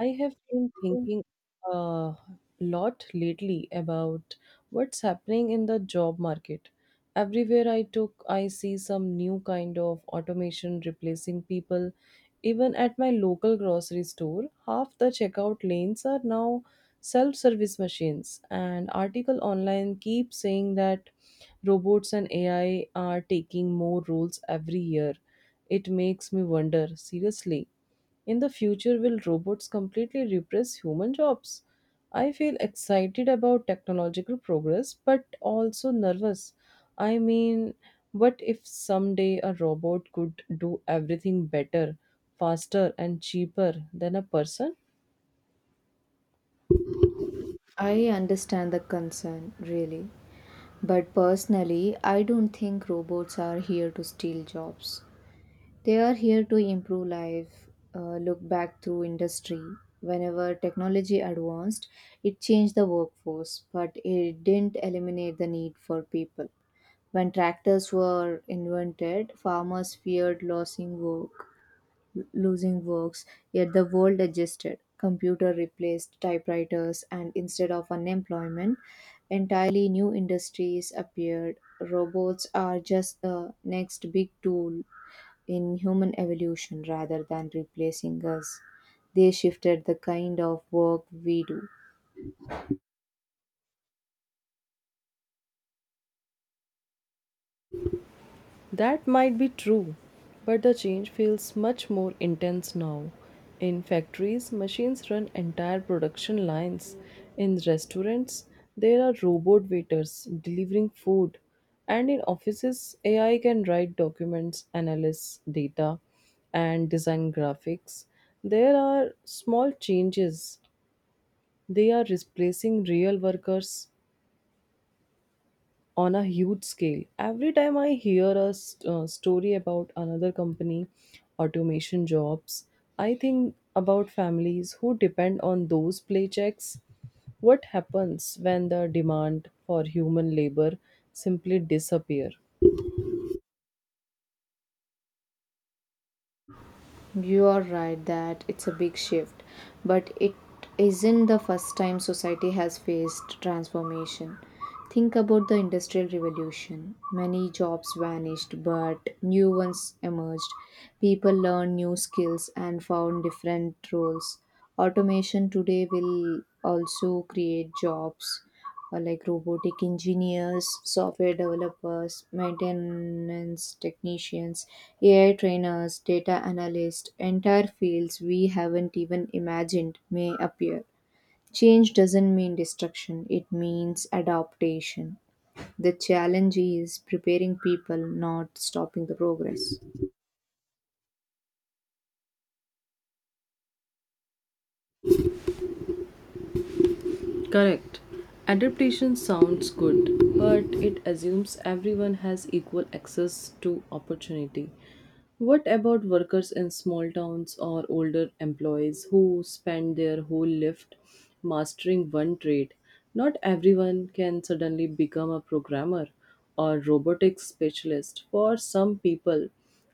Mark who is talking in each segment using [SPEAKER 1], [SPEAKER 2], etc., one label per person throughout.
[SPEAKER 1] I have been thinking a lot lately about what's happening in the job market. Everywhere I took, I see some new kind of automation replacing people. Even at my local grocery store, half the checkout lanes are now self service machines, and article online keep saying that robots and AI are taking more roles every year. It makes me wonder seriously, in the future, will robots completely replace human jobs? I feel excited about technological progress, but also nervous. I mean, what if someday a robot could do everything better, faster, and cheaper than a person?
[SPEAKER 2] I understand the concern, really. But personally, I don't think robots are here to steal jobs. They are here to improve life. Look back through industry. Whenever technology advanced, it changed the workforce, but it didn't eliminate the need for people. When tractors were invented, farmers feared losing works, yet the world adjusted. Computer replaced typewriters, and instead of unemployment, entirely new industries appeared. Robots are just the next big tool in human evolution rather than replacing us. They shifted the kind of work we do.
[SPEAKER 1] That might be true, but the change feels much more intense now. In factories, machines run entire production lines. In restaurants, there are robot waiters delivering food. And in offices, AI can write documents, analyze data, and design graphics. There are small changes. They are replacing real workers on a huge scale. Every time I hear a story about another company, automation jobs, I think about families who depend on those paychecks. What happens when the demand for human labor simply disappear?
[SPEAKER 2] You are right that it's a big shift, but it isn't the first time society has faced transformation. Think about the Industrial Revolution. Many jobs vanished, but new ones emerged. People learned new skills and found different roles. Automation today will also create jobs like robotic engineers, software developers, maintenance technicians, AI trainers, data analysts, entire fields we haven't even imagined may appear. Change doesn't mean destruction, it means adaptation. The challenge is preparing people, not stopping the progress.
[SPEAKER 1] Correct. Adaptation sounds good, but it assumes everyone has equal access to opportunity. What about workers in small towns or older employees who spend their whole life mastering one trade? Not everyone can suddenly become a programmer or robotics specialist. For some people,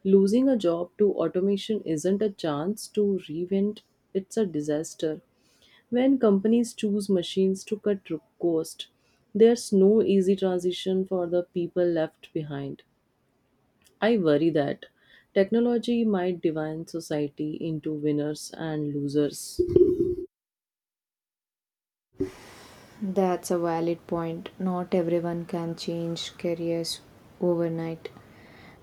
[SPEAKER 1] losing a job to automation isn't a chance to reinvent, it's a disaster. When companies choose machines to cut cost, there's no easy transition for the people left behind. I worry that technology might divide society into winners and losers.
[SPEAKER 2] That's a valid point. Not everyone can change careers overnight,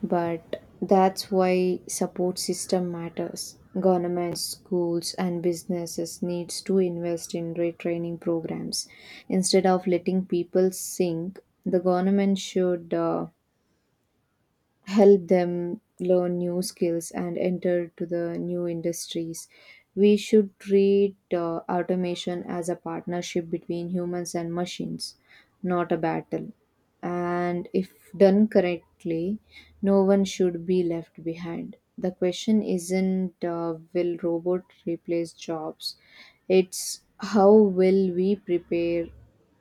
[SPEAKER 2] but that's why support system matters. Governments, schools, and businesses needs to invest in retraining programs. Instead of letting people sink, the government should help them learn new skills and enter to the new industries. We should treat automation as a partnership between humans and machines, not a battle, and if done correctly no one should be left behind. The question isn't will robot replace jobs, it's how will we prepare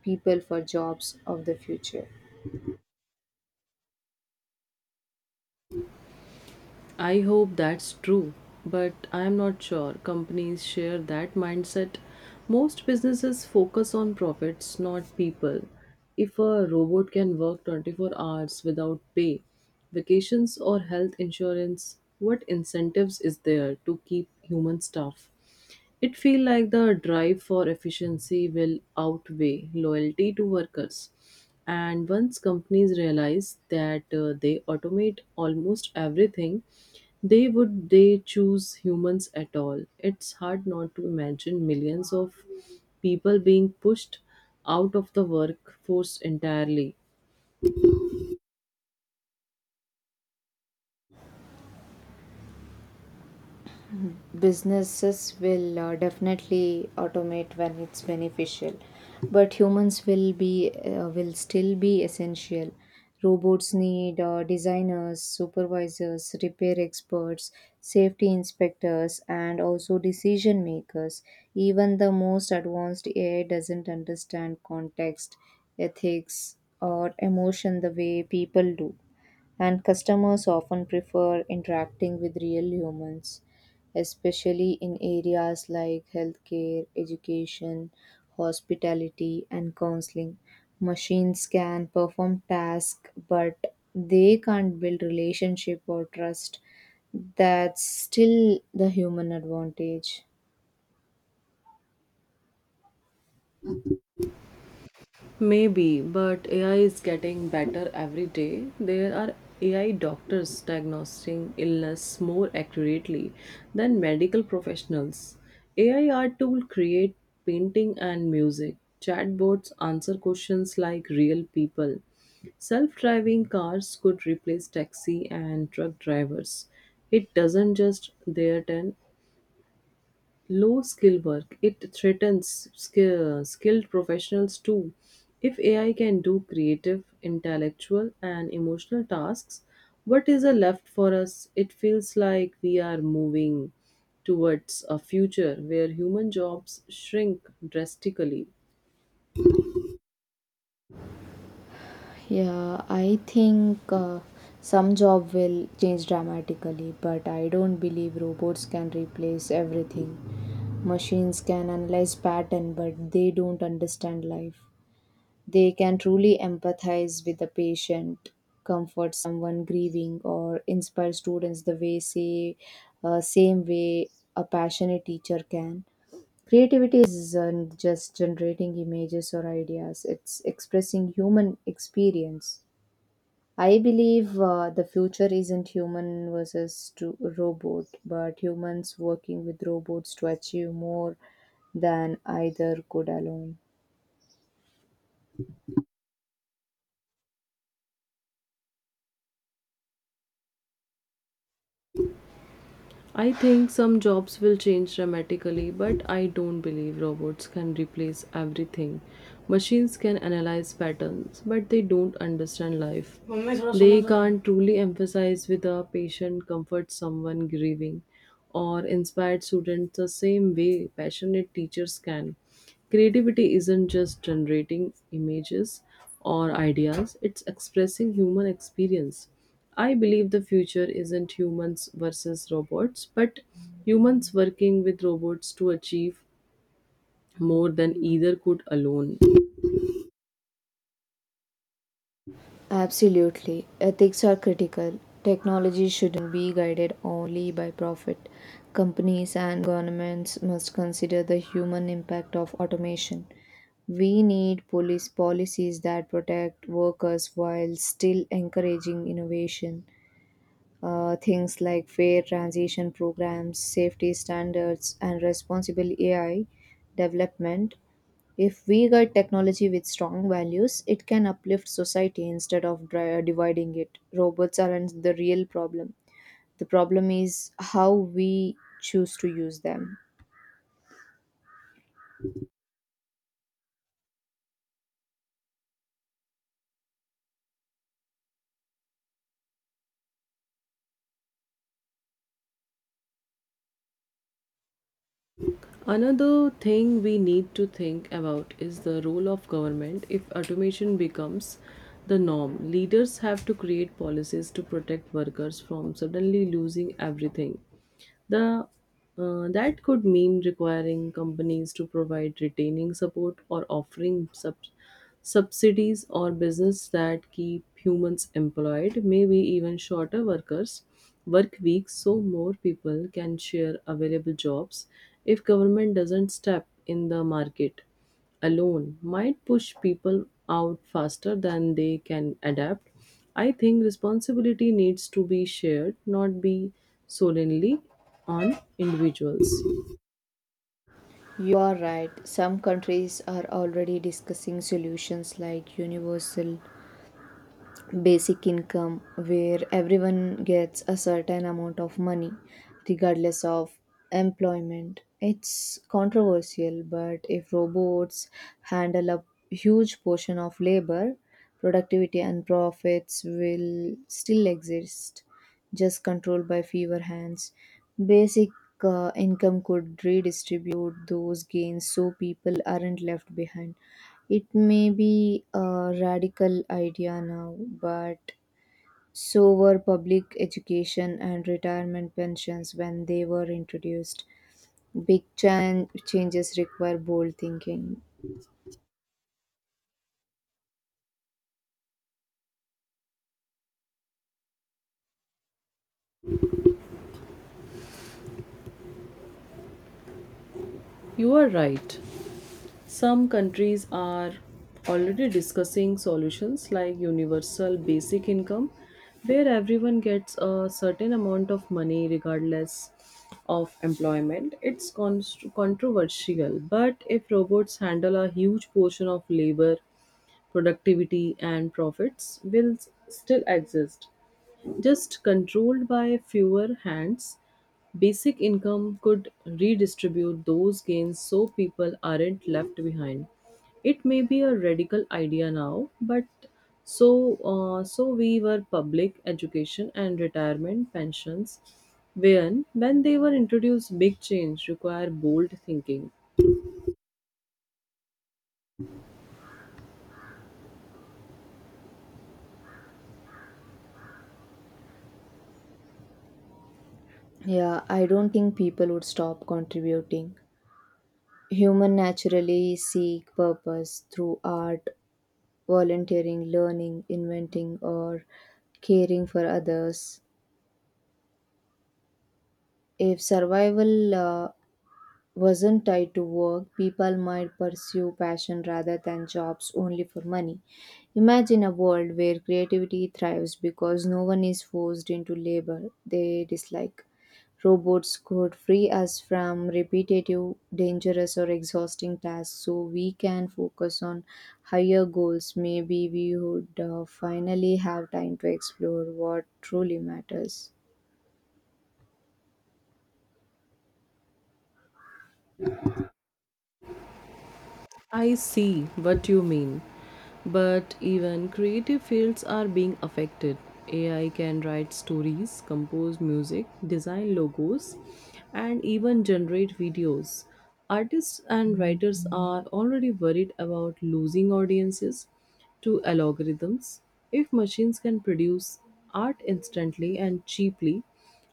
[SPEAKER 2] people for jobs of the future.
[SPEAKER 1] I hope that's true, but I'm not sure companies share that mindset. Most businesses focus on profits, not people. If a robot can work 24 hours without pay, vacations, or health insurance, what incentives is there to keep human staff? It feels like the drive for efficiency will outweigh loyalty to workers. And once companies realize that they automate almost everything, they choose humans at all. It's hard not to imagine millions of people being pushed out of the workforce entirely.
[SPEAKER 2] Businesses will definitely automate when it's beneficial, but humans will still be essential. Robots need designers, supervisors, repair experts, safety inspectors, and also decision makers. Even the most advanced AI doesn't understand context, ethics, or emotion the way people do, and customers often prefer interacting with real humans, especially in areas like healthcare, education, hospitality, and counseling. Machines can perform tasks, but they can't build relationship or trust. That's still the human advantage.
[SPEAKER 1] Maybe, but AI is getting better every day. There are AI doctors diagnosing illness more accurately than medical professionals. AI art tool create painting and music. Chatbots answer questions like real people. Self-driving cars could replace taxi and truck drivers. It doesn't just their turn low skill work, it threatens skilled professionals too. If AI can do creative, intellectual, and emotional tasks, what is a left for us? It feels like we are moving towards a future where human jobs shrink drastically.
[SPEAKER 2] Yeah, I think some job will change dramatically, but I don't believe robots can replace everything. Machines can analyze pattern, but they don't understand life. They can truly empathize with the patient, comfort someone grieving, or inspire students the same way a passionate teacher can. Creativity isn't just generating images or ideas, it's expressing human experience. I believe the future isn't human versus to robot, but humans working with robots to achieve more than either could alone.
[SPEAKER 1] I think some jobs will change dramatically, but I don't believe robots can replace everything. Machines can analyze patterns, but they don't understand life. They can't truly emphasize with a patient, comfort someone grieving, or inspire students the same way passionate teachers can. Creativity isn't just generating images or ideas, it's expressing human experience. I believe the future isn't humans versus robots, but humans working with robots to achieve more than either could alone.
[SPEAKER 2] Absolutely. Ethics are critical. Technology shouldn't be guided only by profit. Companies and governments must consider the human impact of automation. We need police policies that protect workers while still encouraging innovation. Things like fair transition programs, safety standards, and responsible AI development. If we guide technology with strong values, it can uplift society instead of dividing it. Robots aren't the real problem. The problem is how we choose to use them.
[SPEAKER 1] Another thing we need to think about is the role of government if automation becomes the norm. Leaders have to create policies to protect workers from suddenly losing everything. The that could mean requiring companies to provide retaining support or offering subsidies or business that keep humans employed, maybe even shorter workers work weeks so more people can share available jobs. If government doesn't step in, the market alone might push people out faster than they can adapt. I think responsibility needs to be shared, not be solely on individuals.
[SPEAKER 2] You are right. Some countries are already discussing solutions like universal basic income, where everyone gets a certain amount of money regardless of employment. It's controversial, but if robots handle a huge portion of labor, productivity and profits will still exist, just controlled by fewer hands. Basic Income could redistribute those gains so people aren't left behind. It may be a radical idea now, but so were public education and retirement pensions when they were introduced. Big changes require bold thinking.
[SPEAKER 1] You are right. Some countries are already discussing solutions like universal basic income, where everyone gets a certain amount of money regardless of employment. It's controversial, but if robots handle a huge portion of labor, productivity, and profits will still exist. Just controlled by fewer hands, basic income could redistribute those gains so people aren't left behind. It may be a radical idea now, but so we were public education and retirement pensions when they were introduced. Big change require bold thinking.
[SPEAKER 2] Yeah, I don't think people would stop contributing. Human naturally seek purpose through art, volunteering, learning, inventing, or caring for others. If survival wasn't tied to work, people might pursue passion rather than jobs only for money. Imagine a world where creativity thrives because no one is forced into labor they dislike. Robots could free us from repetitive, dangerous, or exhausting tasks so we can focus on higher goals. Maybe we would finally have time to explore what truly matters.
[SPEAKER 1] I see what you mean. But even creative fields are being affected. AI can write stories, compose music, design logos, and even generate videos. Artists and writers are already worried about losing audiences to algorithms. If machines can produce art instantly and cheaply,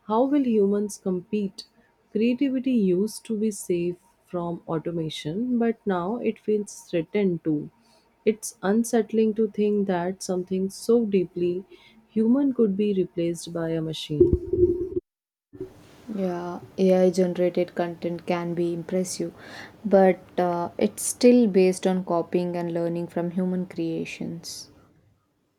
[SPEAKER 1] how will humans compete? Creativity used to be safe from automation, but now it feels threatened too. It's unsettling to think that something so deeply human could be replaced by a machine.
[SPEAKER 2] Yeah, AI generated content can be impressive, but it's still based on copying and learning from human creations.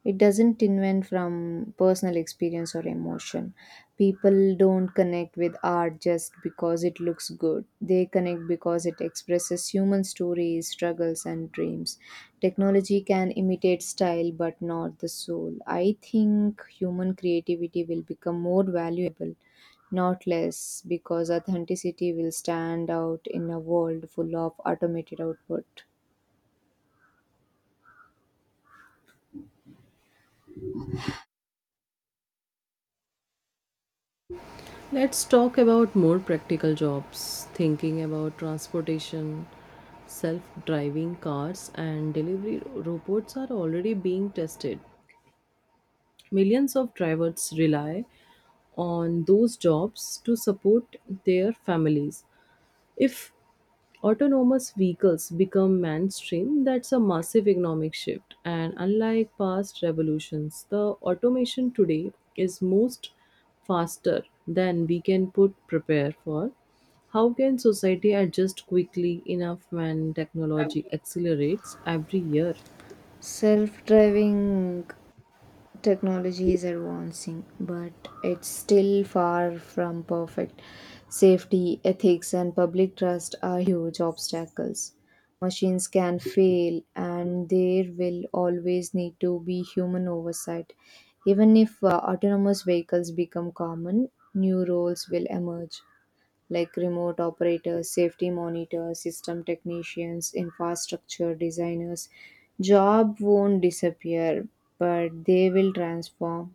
[SPEAKER 2] It doesn't invent from personal experience or emotion. People don't connect with art just because it looks good. They connect because it expresses human stories, struggles, and dreams. Technology can imitate style but not the soul. I think human creativity will become more valuable, not less, because authenticity will stand out in a world full of automated output.
[SPEAKER 1] Let's talk about more practical jobs, thinking about transportation. Self driving cars and delivery robots are already being tested. Millions of drivers rely on those jobs to support their families. If autonomous vehicles become mainstream, that's a massive economic shift. And unlike past revolutions, the automation today is most faster than we can put prepare for. How can society adjust quickly enough when technology accelerates every year?
[SPEAKER 2] Self driving technology is advancing, but it's still far from perfect. Safety, ethics, and public trust are huge obstacles. Machines can fail, and there will always need to be human oversight. Even if autonomous vehicles become common, new roles will emerge like remote operators, safety monitors, system technicians, infrastructure designers. Job won't disappear, but they will transform.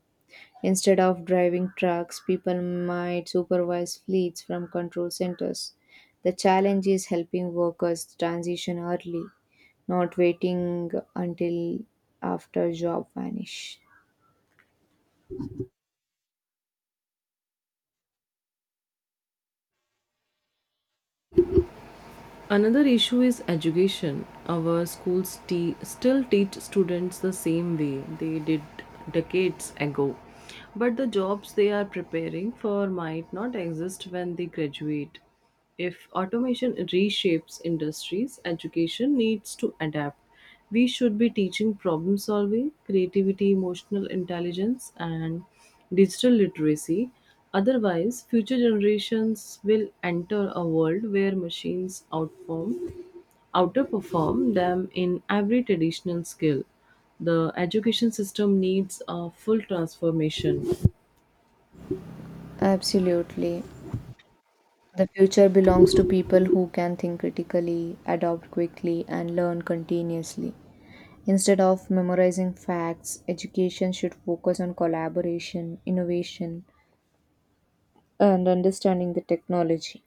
[SPEAKER 2] Instead of driving trucks, people might supervise fleets from control centers. The challenge is helping workers transition early, not waiting until after job vanish.
[SPEAKER 1] Another issue is education. Our schools still teach students the same way they did decades ago. But the jobs they are preparing for might not exist when they graduate. If automation reshapes industries, education needs to adapt. We should be teaching problem solving, creativity, emotional intelligence, and digital literacy. Otherwise, future generations will enter a world where machines outperform them in every traditional skill. The education system needs a full transformation.
[SPEAKER 2] Absolutely. The future belongs to people who can think critically, adopt quickly, and learn continuously. Instead of memorizing facts, education should focus on collaboration, innovation, and understanding the technology.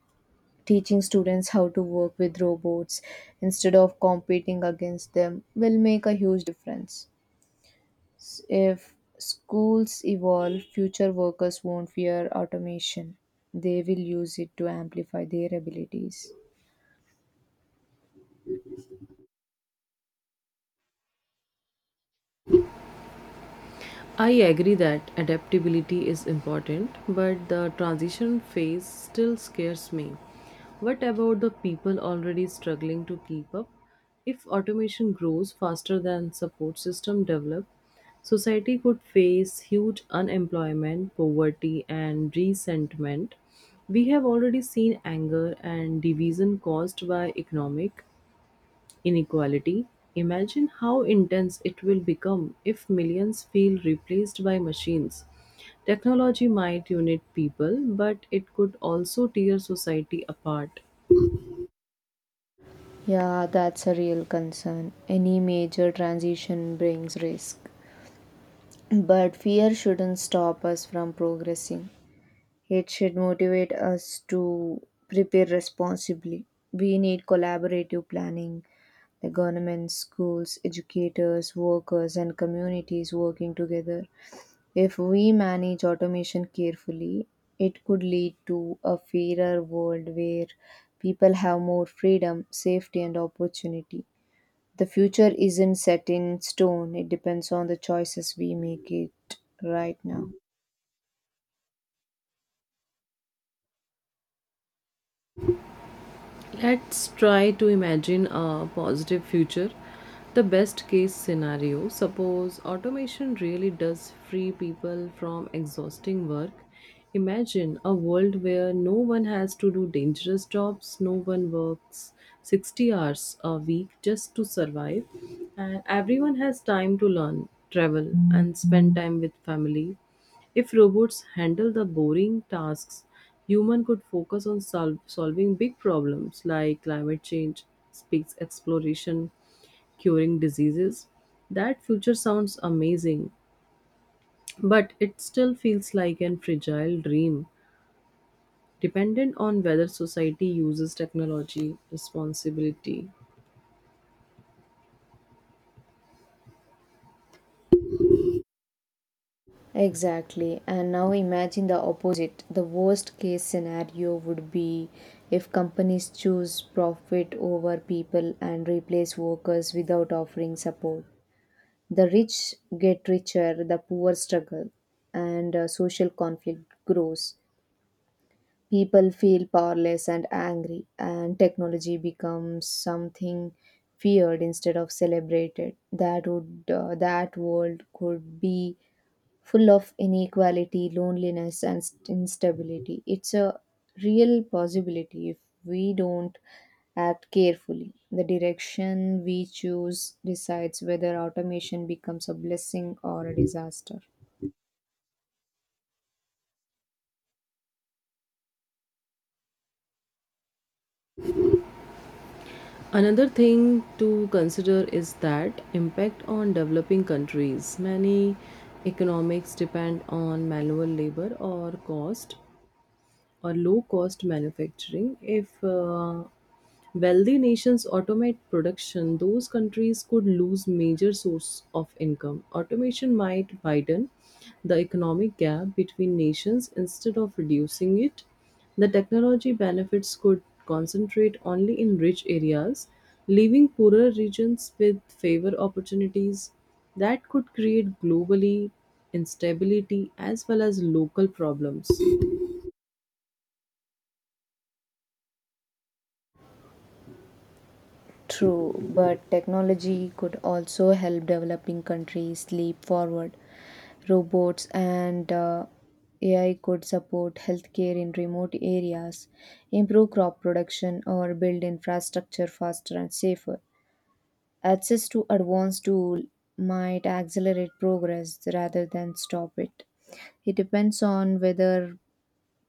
[SPEAKER 2] Teaching students how to work with robots instead of competing against them will make a huge difference. If schools evolve, future workers won't fear automation. They will use it to amplify their abilities.
[SPEAKER 1] I agree that adaptability is important, but the transition phase still scares me. What about the people already struggling to keep up? If automation grows faster than support system develop, society could face huge unemployment, poverty, and resentment. We have already seen anger and division caused by economic inequality. Imagine how intense it will become if millions feel replaced by machines. Technology might unite people, but it could also tear society apart.
[SPEAKER 2] Yeah, that's a real concern. Any major transition brings risk. But fear shouldn't stop us from progressing. It should motivate us to prepare responsibly. We need collaborative planning, the government, schools, educators, workers, and communities working together. If we manage automation carefully, it could lead to a fairer world where people have more freedom, safety, and opportunity. The future isn't set in stone, it depends on the choices we make it right now.
[SPEAKER 1] Let's try to imagine a positive future. The best case scenario, suppose automation really does free people from exhausting work. Imagine a world where no one has to do dangerous jobs, no one works 60 hours a week just to survive, and everyone has time to learn, travel, and spend time with family. If robots handle the boring tasks, human could focus on solving big problems like climate change, space exploration, curing diseases. That future sounds amazing, but it still feels like an fragile dream, dependent on whether society uses technology responsibility.
[SPEAKER 2] Exactly. And now imagine the opposite. The worst case scenario would be if companies choose profit over people and replace workers without offering support. The rich get richer, the poor struggle, and social conflict grows. People feel powerless and angry, and technology becomes something feared instead of celebrated. That world could be full of inequality, loneliness, and instability. It's a real possibility if we don't act carefully. The direction we choose decides whether automation becomes a blessing or a disaster.
[SPEAKER 1] Another thing to consider is that impact on developing countries. Many economics depend on manual labor or cost or low cost manufacturing. If wealthy nations automate production, those countries could lose major source of income. Automation might widen the economic gap between nations instead of reducing it. The technology benefits could concentrate only in rich areas, leaving poorer regions with favor opportunities. That could create globally instability as well as local problems.
[SPEAKER 2] True, but technology could also help developing countries leap forward. Robots and AI could support healthcare in remote areas, improve crop production, or build infrastructure faster and safer. Access to advanced tools might accelerate progress rather than stop it. It depends on whether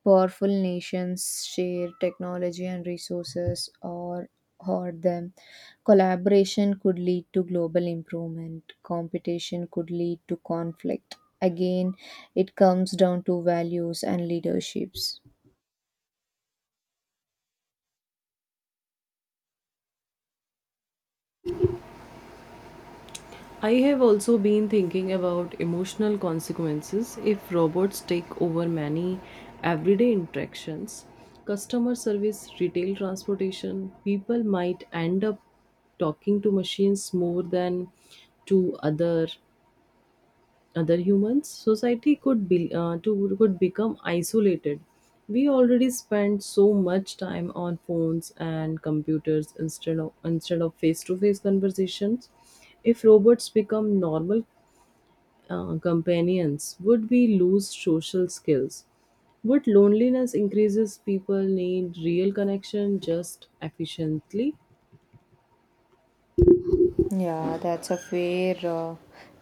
[SPEAKER 2] powerful nations share technology and resources or hoard them. Collaboration could lead to global improvement. Competition could lead to conflict. Again, it comes down to values and leaderships.
[SPEAKER 1] I have also been thinking about emotional consequences if robots take over many everyday interactions. Customer service, retail transportation, people might end up talking to machines more than to other humans. Society could be to could become isolated. We already spend so much time on phones and computers instead of face to face conversations. If robots become normal companions, would we lose social skills? Would loneliness increases people need real connection just efficiently?
[SPEAKER 2] Yeah, that's a fair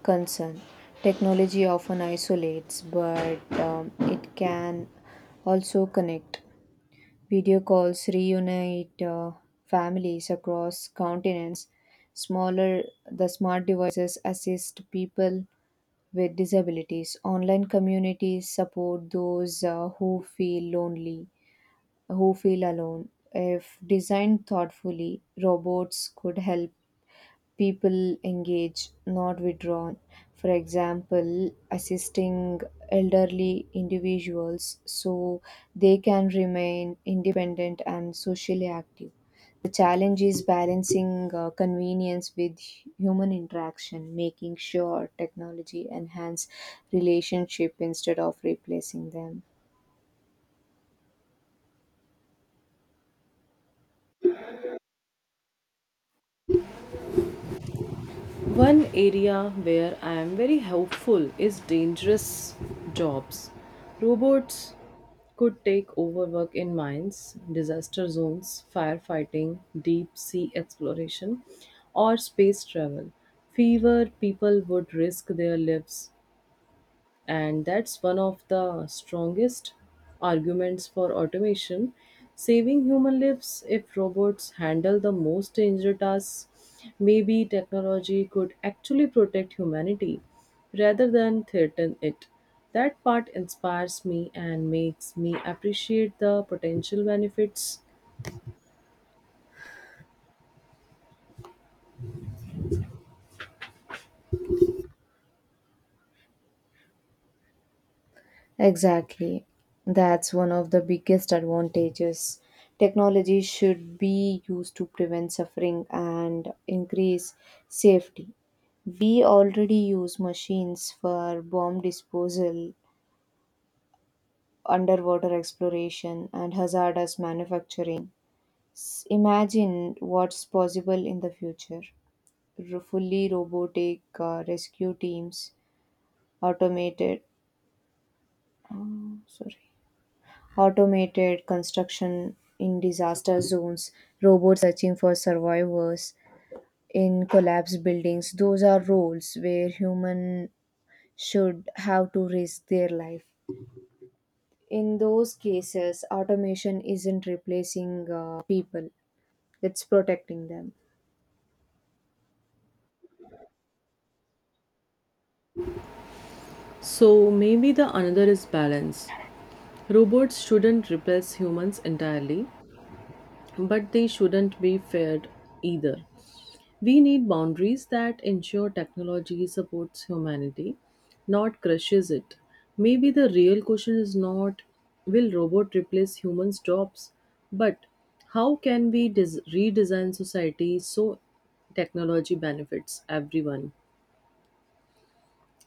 [SPEAKER 2] concern. Technology often isolates, but it can also connect. Video calls reunite families across continents. Smaller, the smart devices assist people with disabilities. Online communities support those who feel who feel alone. If designed thoughtfully, robots could help people engage, not withdrawn. For example, assisting elderly individuals so they can remain independent and socially active. The challenge is balancing convenience with human interaction, making sure technology enhance relationship instead of replacing them.
[SPEAKER 1] One area where I am very hopeful is dangerous jobs. Robots could take over work in mines, disaster zones, firefighting, deep sea exploration, or space travel. Fewer people would risk their lives, and that's one of the strongest arguments for automation, saving human lives. If robots handle the most dangerous tasks, maybe technology could actually protect humanity rather than threaten it. That part inspires me and makes me appreciate the potential benefits.
[SPEAKER 2] Exactly. That's one of the biggest advantages. Technology should be used to prevent suffering and increase safety. We already use machines for bomb disposal, underwater exploration, and hazardous manufacturing. Imagine what's possible in the future. Fully robotic rescue teams, automated. Oh, sorry automated construction in disaster zones, robots searching for survivors in collapsed buildings. Those are roles where human should have to risk their life. In those cases, automation isn't replacing people, it's protecting them.
[SPEAKER 1] So maybe the another is balance. Robots shouldn't replace humans entirely, but they shouldn't be feared either. We need boundaries that ensure technology supports humanity, not crushes it. Maybe the real question is not will robot replace humans' jobs, but how can we redesign society so technology benefits everyone?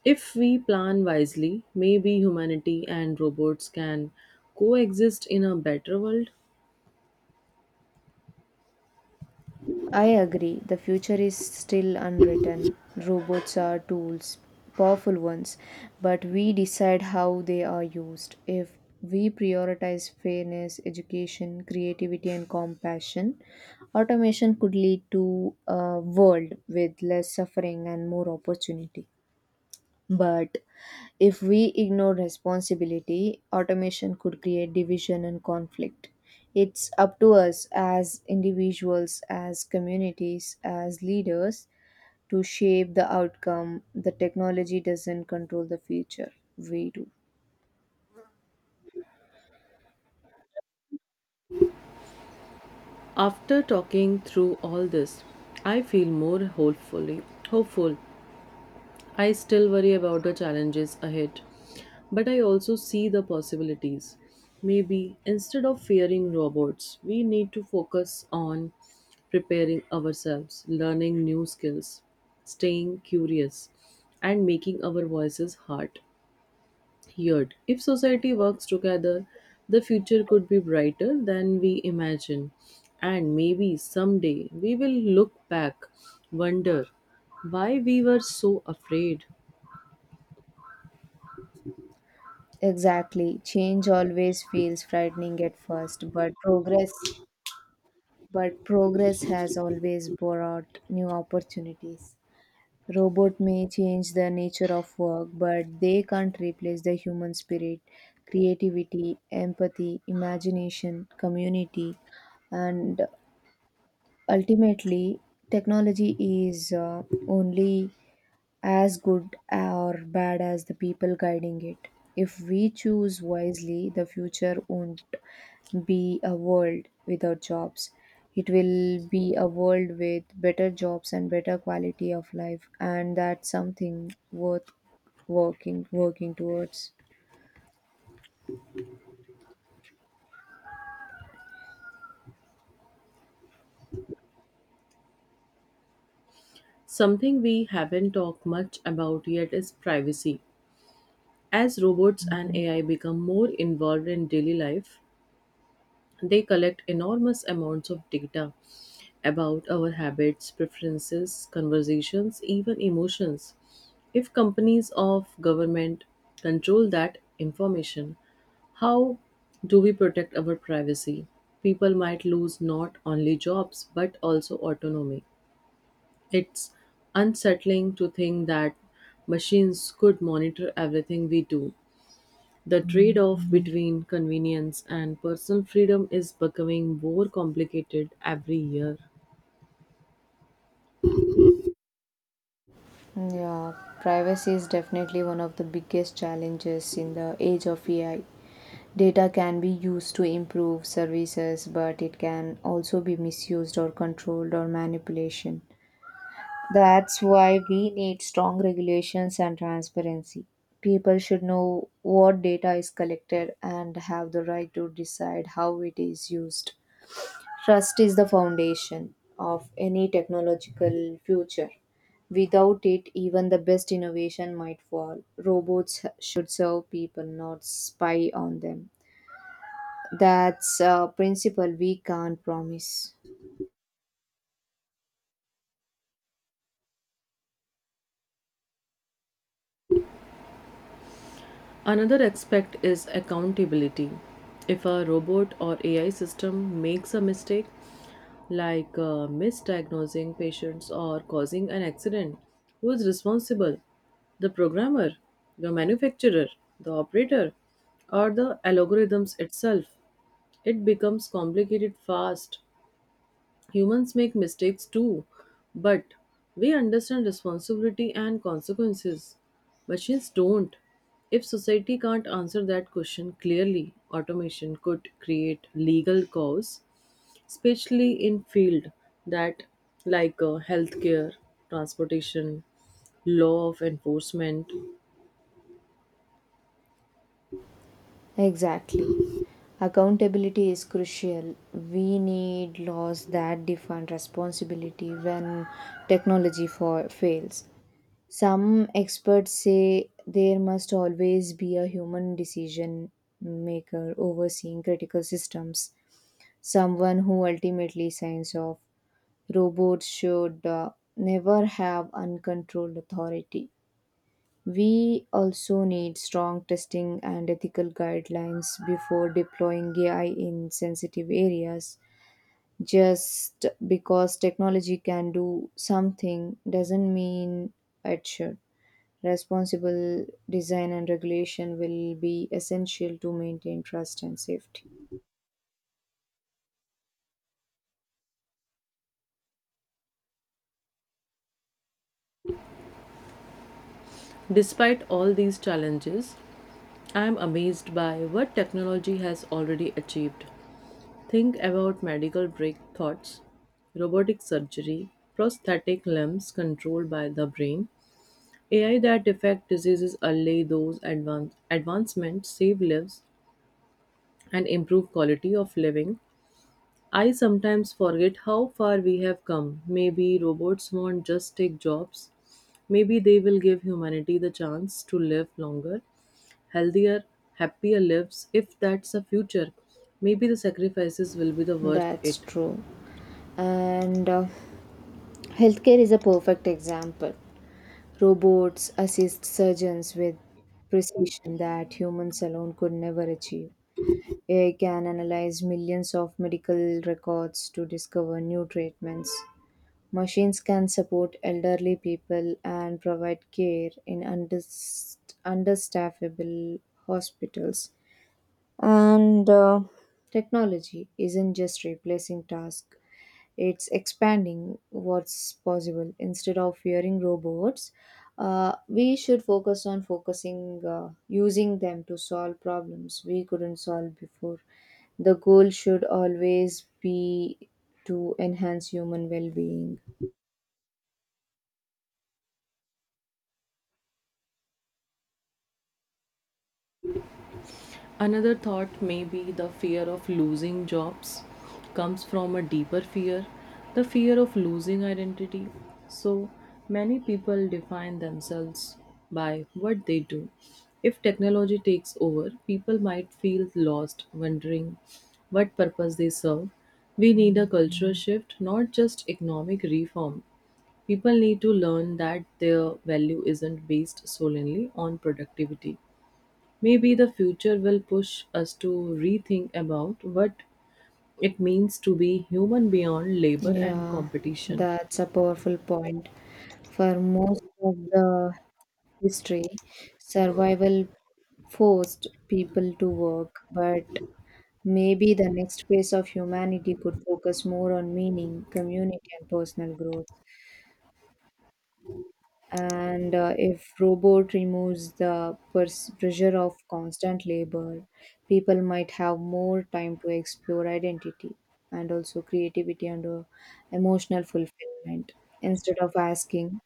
[SPEAKER 1] If we plan wisely, maybe humanity and robots can coexist in a better world.
[SPEAKER 2] I agree. The future is still unwritten. Robots are tools, powerful ones, but we decide how they are used. If we prioritize fairness, education, creativity, and compassion, automation could lead to a world with less suffering and more opportunity. But if we ignore responsibility, automation could create division and conflict. It's up to us as individuals, as communities, as leaders to shape the outcome. The technology doesn't control the future, we do.
[SPEAKER 1] After talking through all this, I feel more hopeful. I still worry about the challenges ahead, but I also see the possibilities. Maybe instead of fearing robots, we need to focus on preparing ourselves, learning new skills, staying curious, and making our voices heard. If society works together, the future could be brighter than we imagine, and maybe someday we will look back, wonder why we were so afraid.
[SPEAKER 2] Exactly. Change always feels frightening at first, but progress has always brought new opportunities. Robot may change the nature of work, but they can't replace the human spirit, creativity, empathy, imagination, community, and ultimately, technology is only as good or bad as the people guiding it. If we choose wisely, the future won't be a world without jobs. It will be a world with better jobs and better quality of life, and that's something worth working towards.
[SPEAKER 1] Something we haven't talked much about yet is privacy. As robots and AI become more involved in daily life, they collect enormous amounts of data about our habits, preferences, conversations, even emotions. If companies or government control that information, how do we protect our privacy? People might lose not only jobs but also autonomy. It's unsettling to think that machines could monitor everything we do. The trade off between convenience and personal freedom is becoming more complicated every year.
[SPEAKER 2] Yeah, privacy is definitely one of the biggest challenges in the age of AI. Data can be used to improve services, but it can also be misused or controlled or manipulation. That's why we need strong regulations and transparency. People should know what data is collected and have the right to decide how it is used. Trust is the foundation of any technological future. Without it, even the best innovation might fall. Robots should serve people, not spy on them. That's a principle we can't promise.
[SPEAKER 1] Another aspect is accountability. If a robot or AI system makes a mistake, misdiagnosing patients or causing an accident, who is responsible? The programmer, the manufacturer, the operator, or the algorithms itself? It becomes complicated fast. Humans make mistakes too, but we understand responsibility and consequences. Machines don't. If society can't answer that question clearly, automation could create legal cause, especially in field that healthcare, transportation, law of enforcement.
[SPEAKER 2] Exactly. Accountability is crucial. We need laws that define responsibility when fails. Some experts say there must always be a human decision maker overseeing critical systems, someone who ultimately signs off. Robots should never have uncontrolled authority. We also need strong testing and ethical guidelines before deploying AI in sensitive areas. Just because technology can do something doesn't mean it should. Responsible design and regulation will be essential to maintain trust and safety.
[SPEAKER 1] Despite all these challenges, I am amazed by what technology has already achieved. Think about medical breakthroughs, robotic surgery, prosthetic limbs controlled by the brain, AI that affect diseases early. Those advancements save lives and improve quality of living. I sometimes forget how far we have come. Maybe robots won't just take jobs. Maybe they will give humanity the chance to live longer, healthier, happier lives if that's the future. Maybe the sacrifices will be the worth
[SPEAKER 2] That's
[SPEAKER 1] it.
[SPEAKER 2] true. And Healthcare is a perfect example. Robots assist surgeons with precision that humans alone could never achieve. AI can analyze millions of medical records to discover new treatments. Machines can support elderly people and provide care in understaffable hospitals. And technology isn't just replacing tasks, it's expanding what's possible. Instead of fearing robots, we should focus on focusing, using them to solve problems we couldn't solve before. The goal should always be to enhance human well being.
[SPEAKER 1] Another thought may be the fear of losing jobs comes from a deeper fear, the fear of losing identity. So many people define themselves by what they do. If technology takes over, people might feel lost, wondering what purpose they serve. We need a cultural shift, not just economic reform. People need to learn that their value isn't based solely on productivity. Maybe the future will push us to rethink about what it means to be human beyond labor and
[SPEAKER 2] Yeah,
[SPEAKER 1] competition.
[SPEAKER 2] that's a powerful point. For most of the history, survival forced people to work, but maybe the next phase of humanity could focus more on meaning, community, and personal growth. And if robot removes the pressure of constant labor, people might have more time to explore identity and also creativity and emotional fulfillment instead of asking,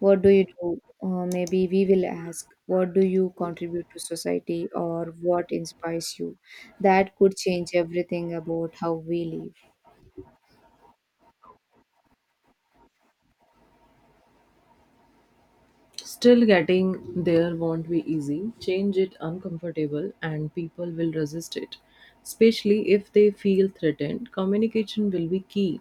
[SPEAKER 2] what do you do? Maybe we will ask, what do you contribute to society, or what inspires you? That could change everything about how we live.
[SPEAKER 1] Still, getting there won't be easy. Change it uncomfortable, and people will resist it, especially if they feel threatened. Communication will be key.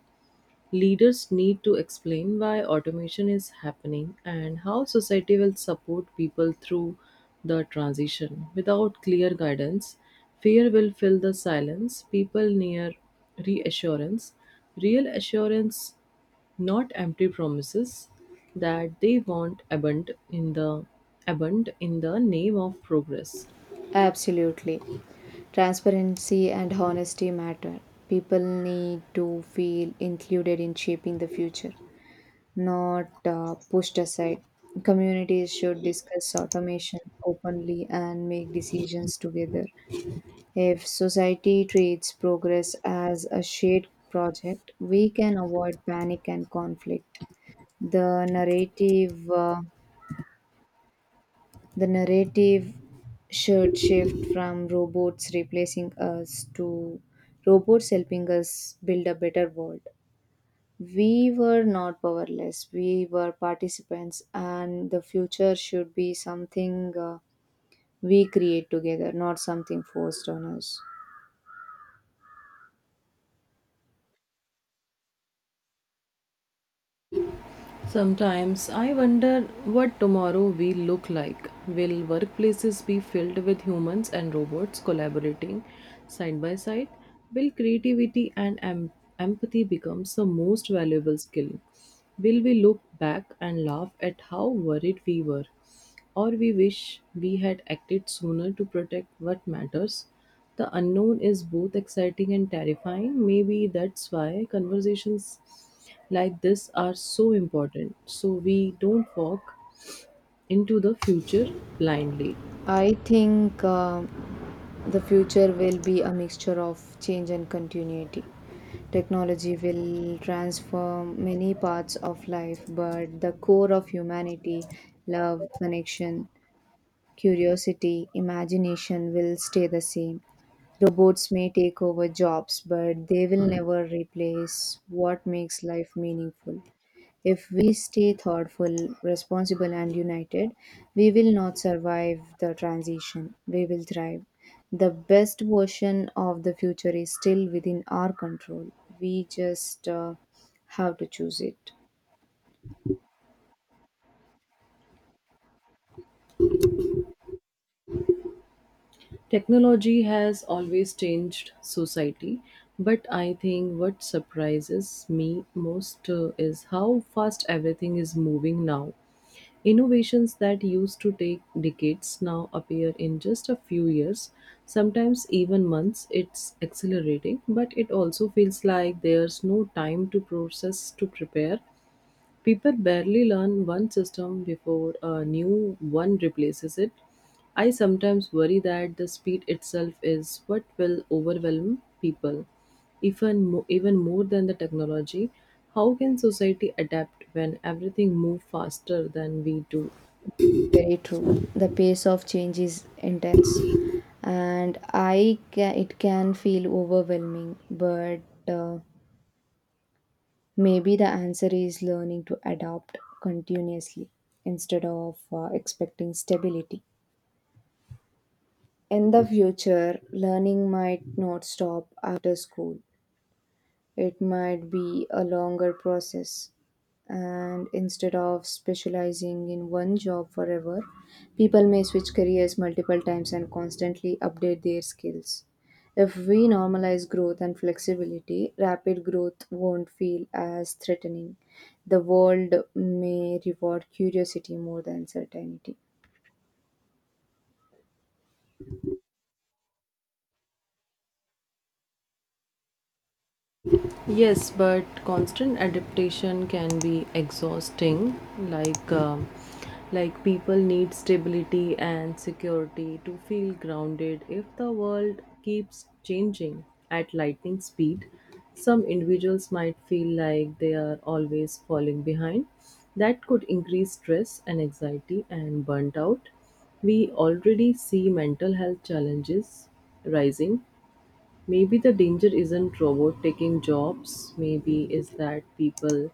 [SPEAKER 1] Leaders need to explain why automation is happening and how society will support people through the transition. Without clear guidance, fear will fill the silence, people near reassurance, real assurance, not empty promises that they want abund in the name of progress.
[SPEAKER 2] Absolutely. Transparency and honesty matter. People need to feel included in shaping the future, not pushed aside. Communities should discuss automation openly and make decisions together. If society treats progress as a shared project, we can avoid panic and conflict. The narrative, uh, the narrative should shift from robots replacing us to robots helping us build a better world. We were not powerless, we were participants, and the future should be something we create together, not something forced on us.
[SPEAKER 1] Sometimes I wonder what tomorrow will look like. Will workplaces be filled with humans and robots collaborating side by side? Will creativity and empathy become the most valuable skill? Will we look back and laugh at how worried we were? Or we wish we had acted sooner to protect what matters. The unknown is both exciting and terrifying. Maybe that's why conversations like this are so important, so we don't walk into the future blindly.
[SPEAKER 2] I think the future will be a mixture of change and continuity. Technology will transform many parts of life, but the core of humanity, love, connection, curiosity, imagination will stay the same. Robots may take over jobs, but they will never replace what makes life meaningful. If we stay thoughtful, responsible, and united, we will not survive the transition. We will thrive. The best version of the future is still within our control. We just have to choose it.
[SPEAKER 1] Technology has always changed society, but I think what surprises me most is how fast everything is moving now. Innovations that used to take decades now appear in just a few years, sometimes even months. It's accelerating, but it also feels like there's no time to process to prepare. People barely learn one system before a new one replaces it. I sometimes worry that the speed itself is what will overwhelm people, even more than the technology. How can society adapt when everything moves faster than we do?
[SPEAKER 2] Very true. The pace of change is intense, and it can feel overwhelming. But uh, maybe the answer is learning to adapt continuously instead of expecting stability. In the future, learning might not stop after school. It might be a longer process. And instead of specializing in one job forever, people may switch careers multiple times and constantly update their skills. If we normalize growth and flexibility, rapid growth won't feel as threatening. The world may reward curiosity more than certainty.
[SPEAKER 1] Yes, but constant adaptation can be exhausting. Like people need stability and security to feel grounded. If the world keeps changing at lightning speed, some individuals might feel like they are always falling behind. That could increase stress and anxiety and burnt out. We already see mental health challenges rising. Maybe the danger isn't robot taking jobs. Maybe is that people.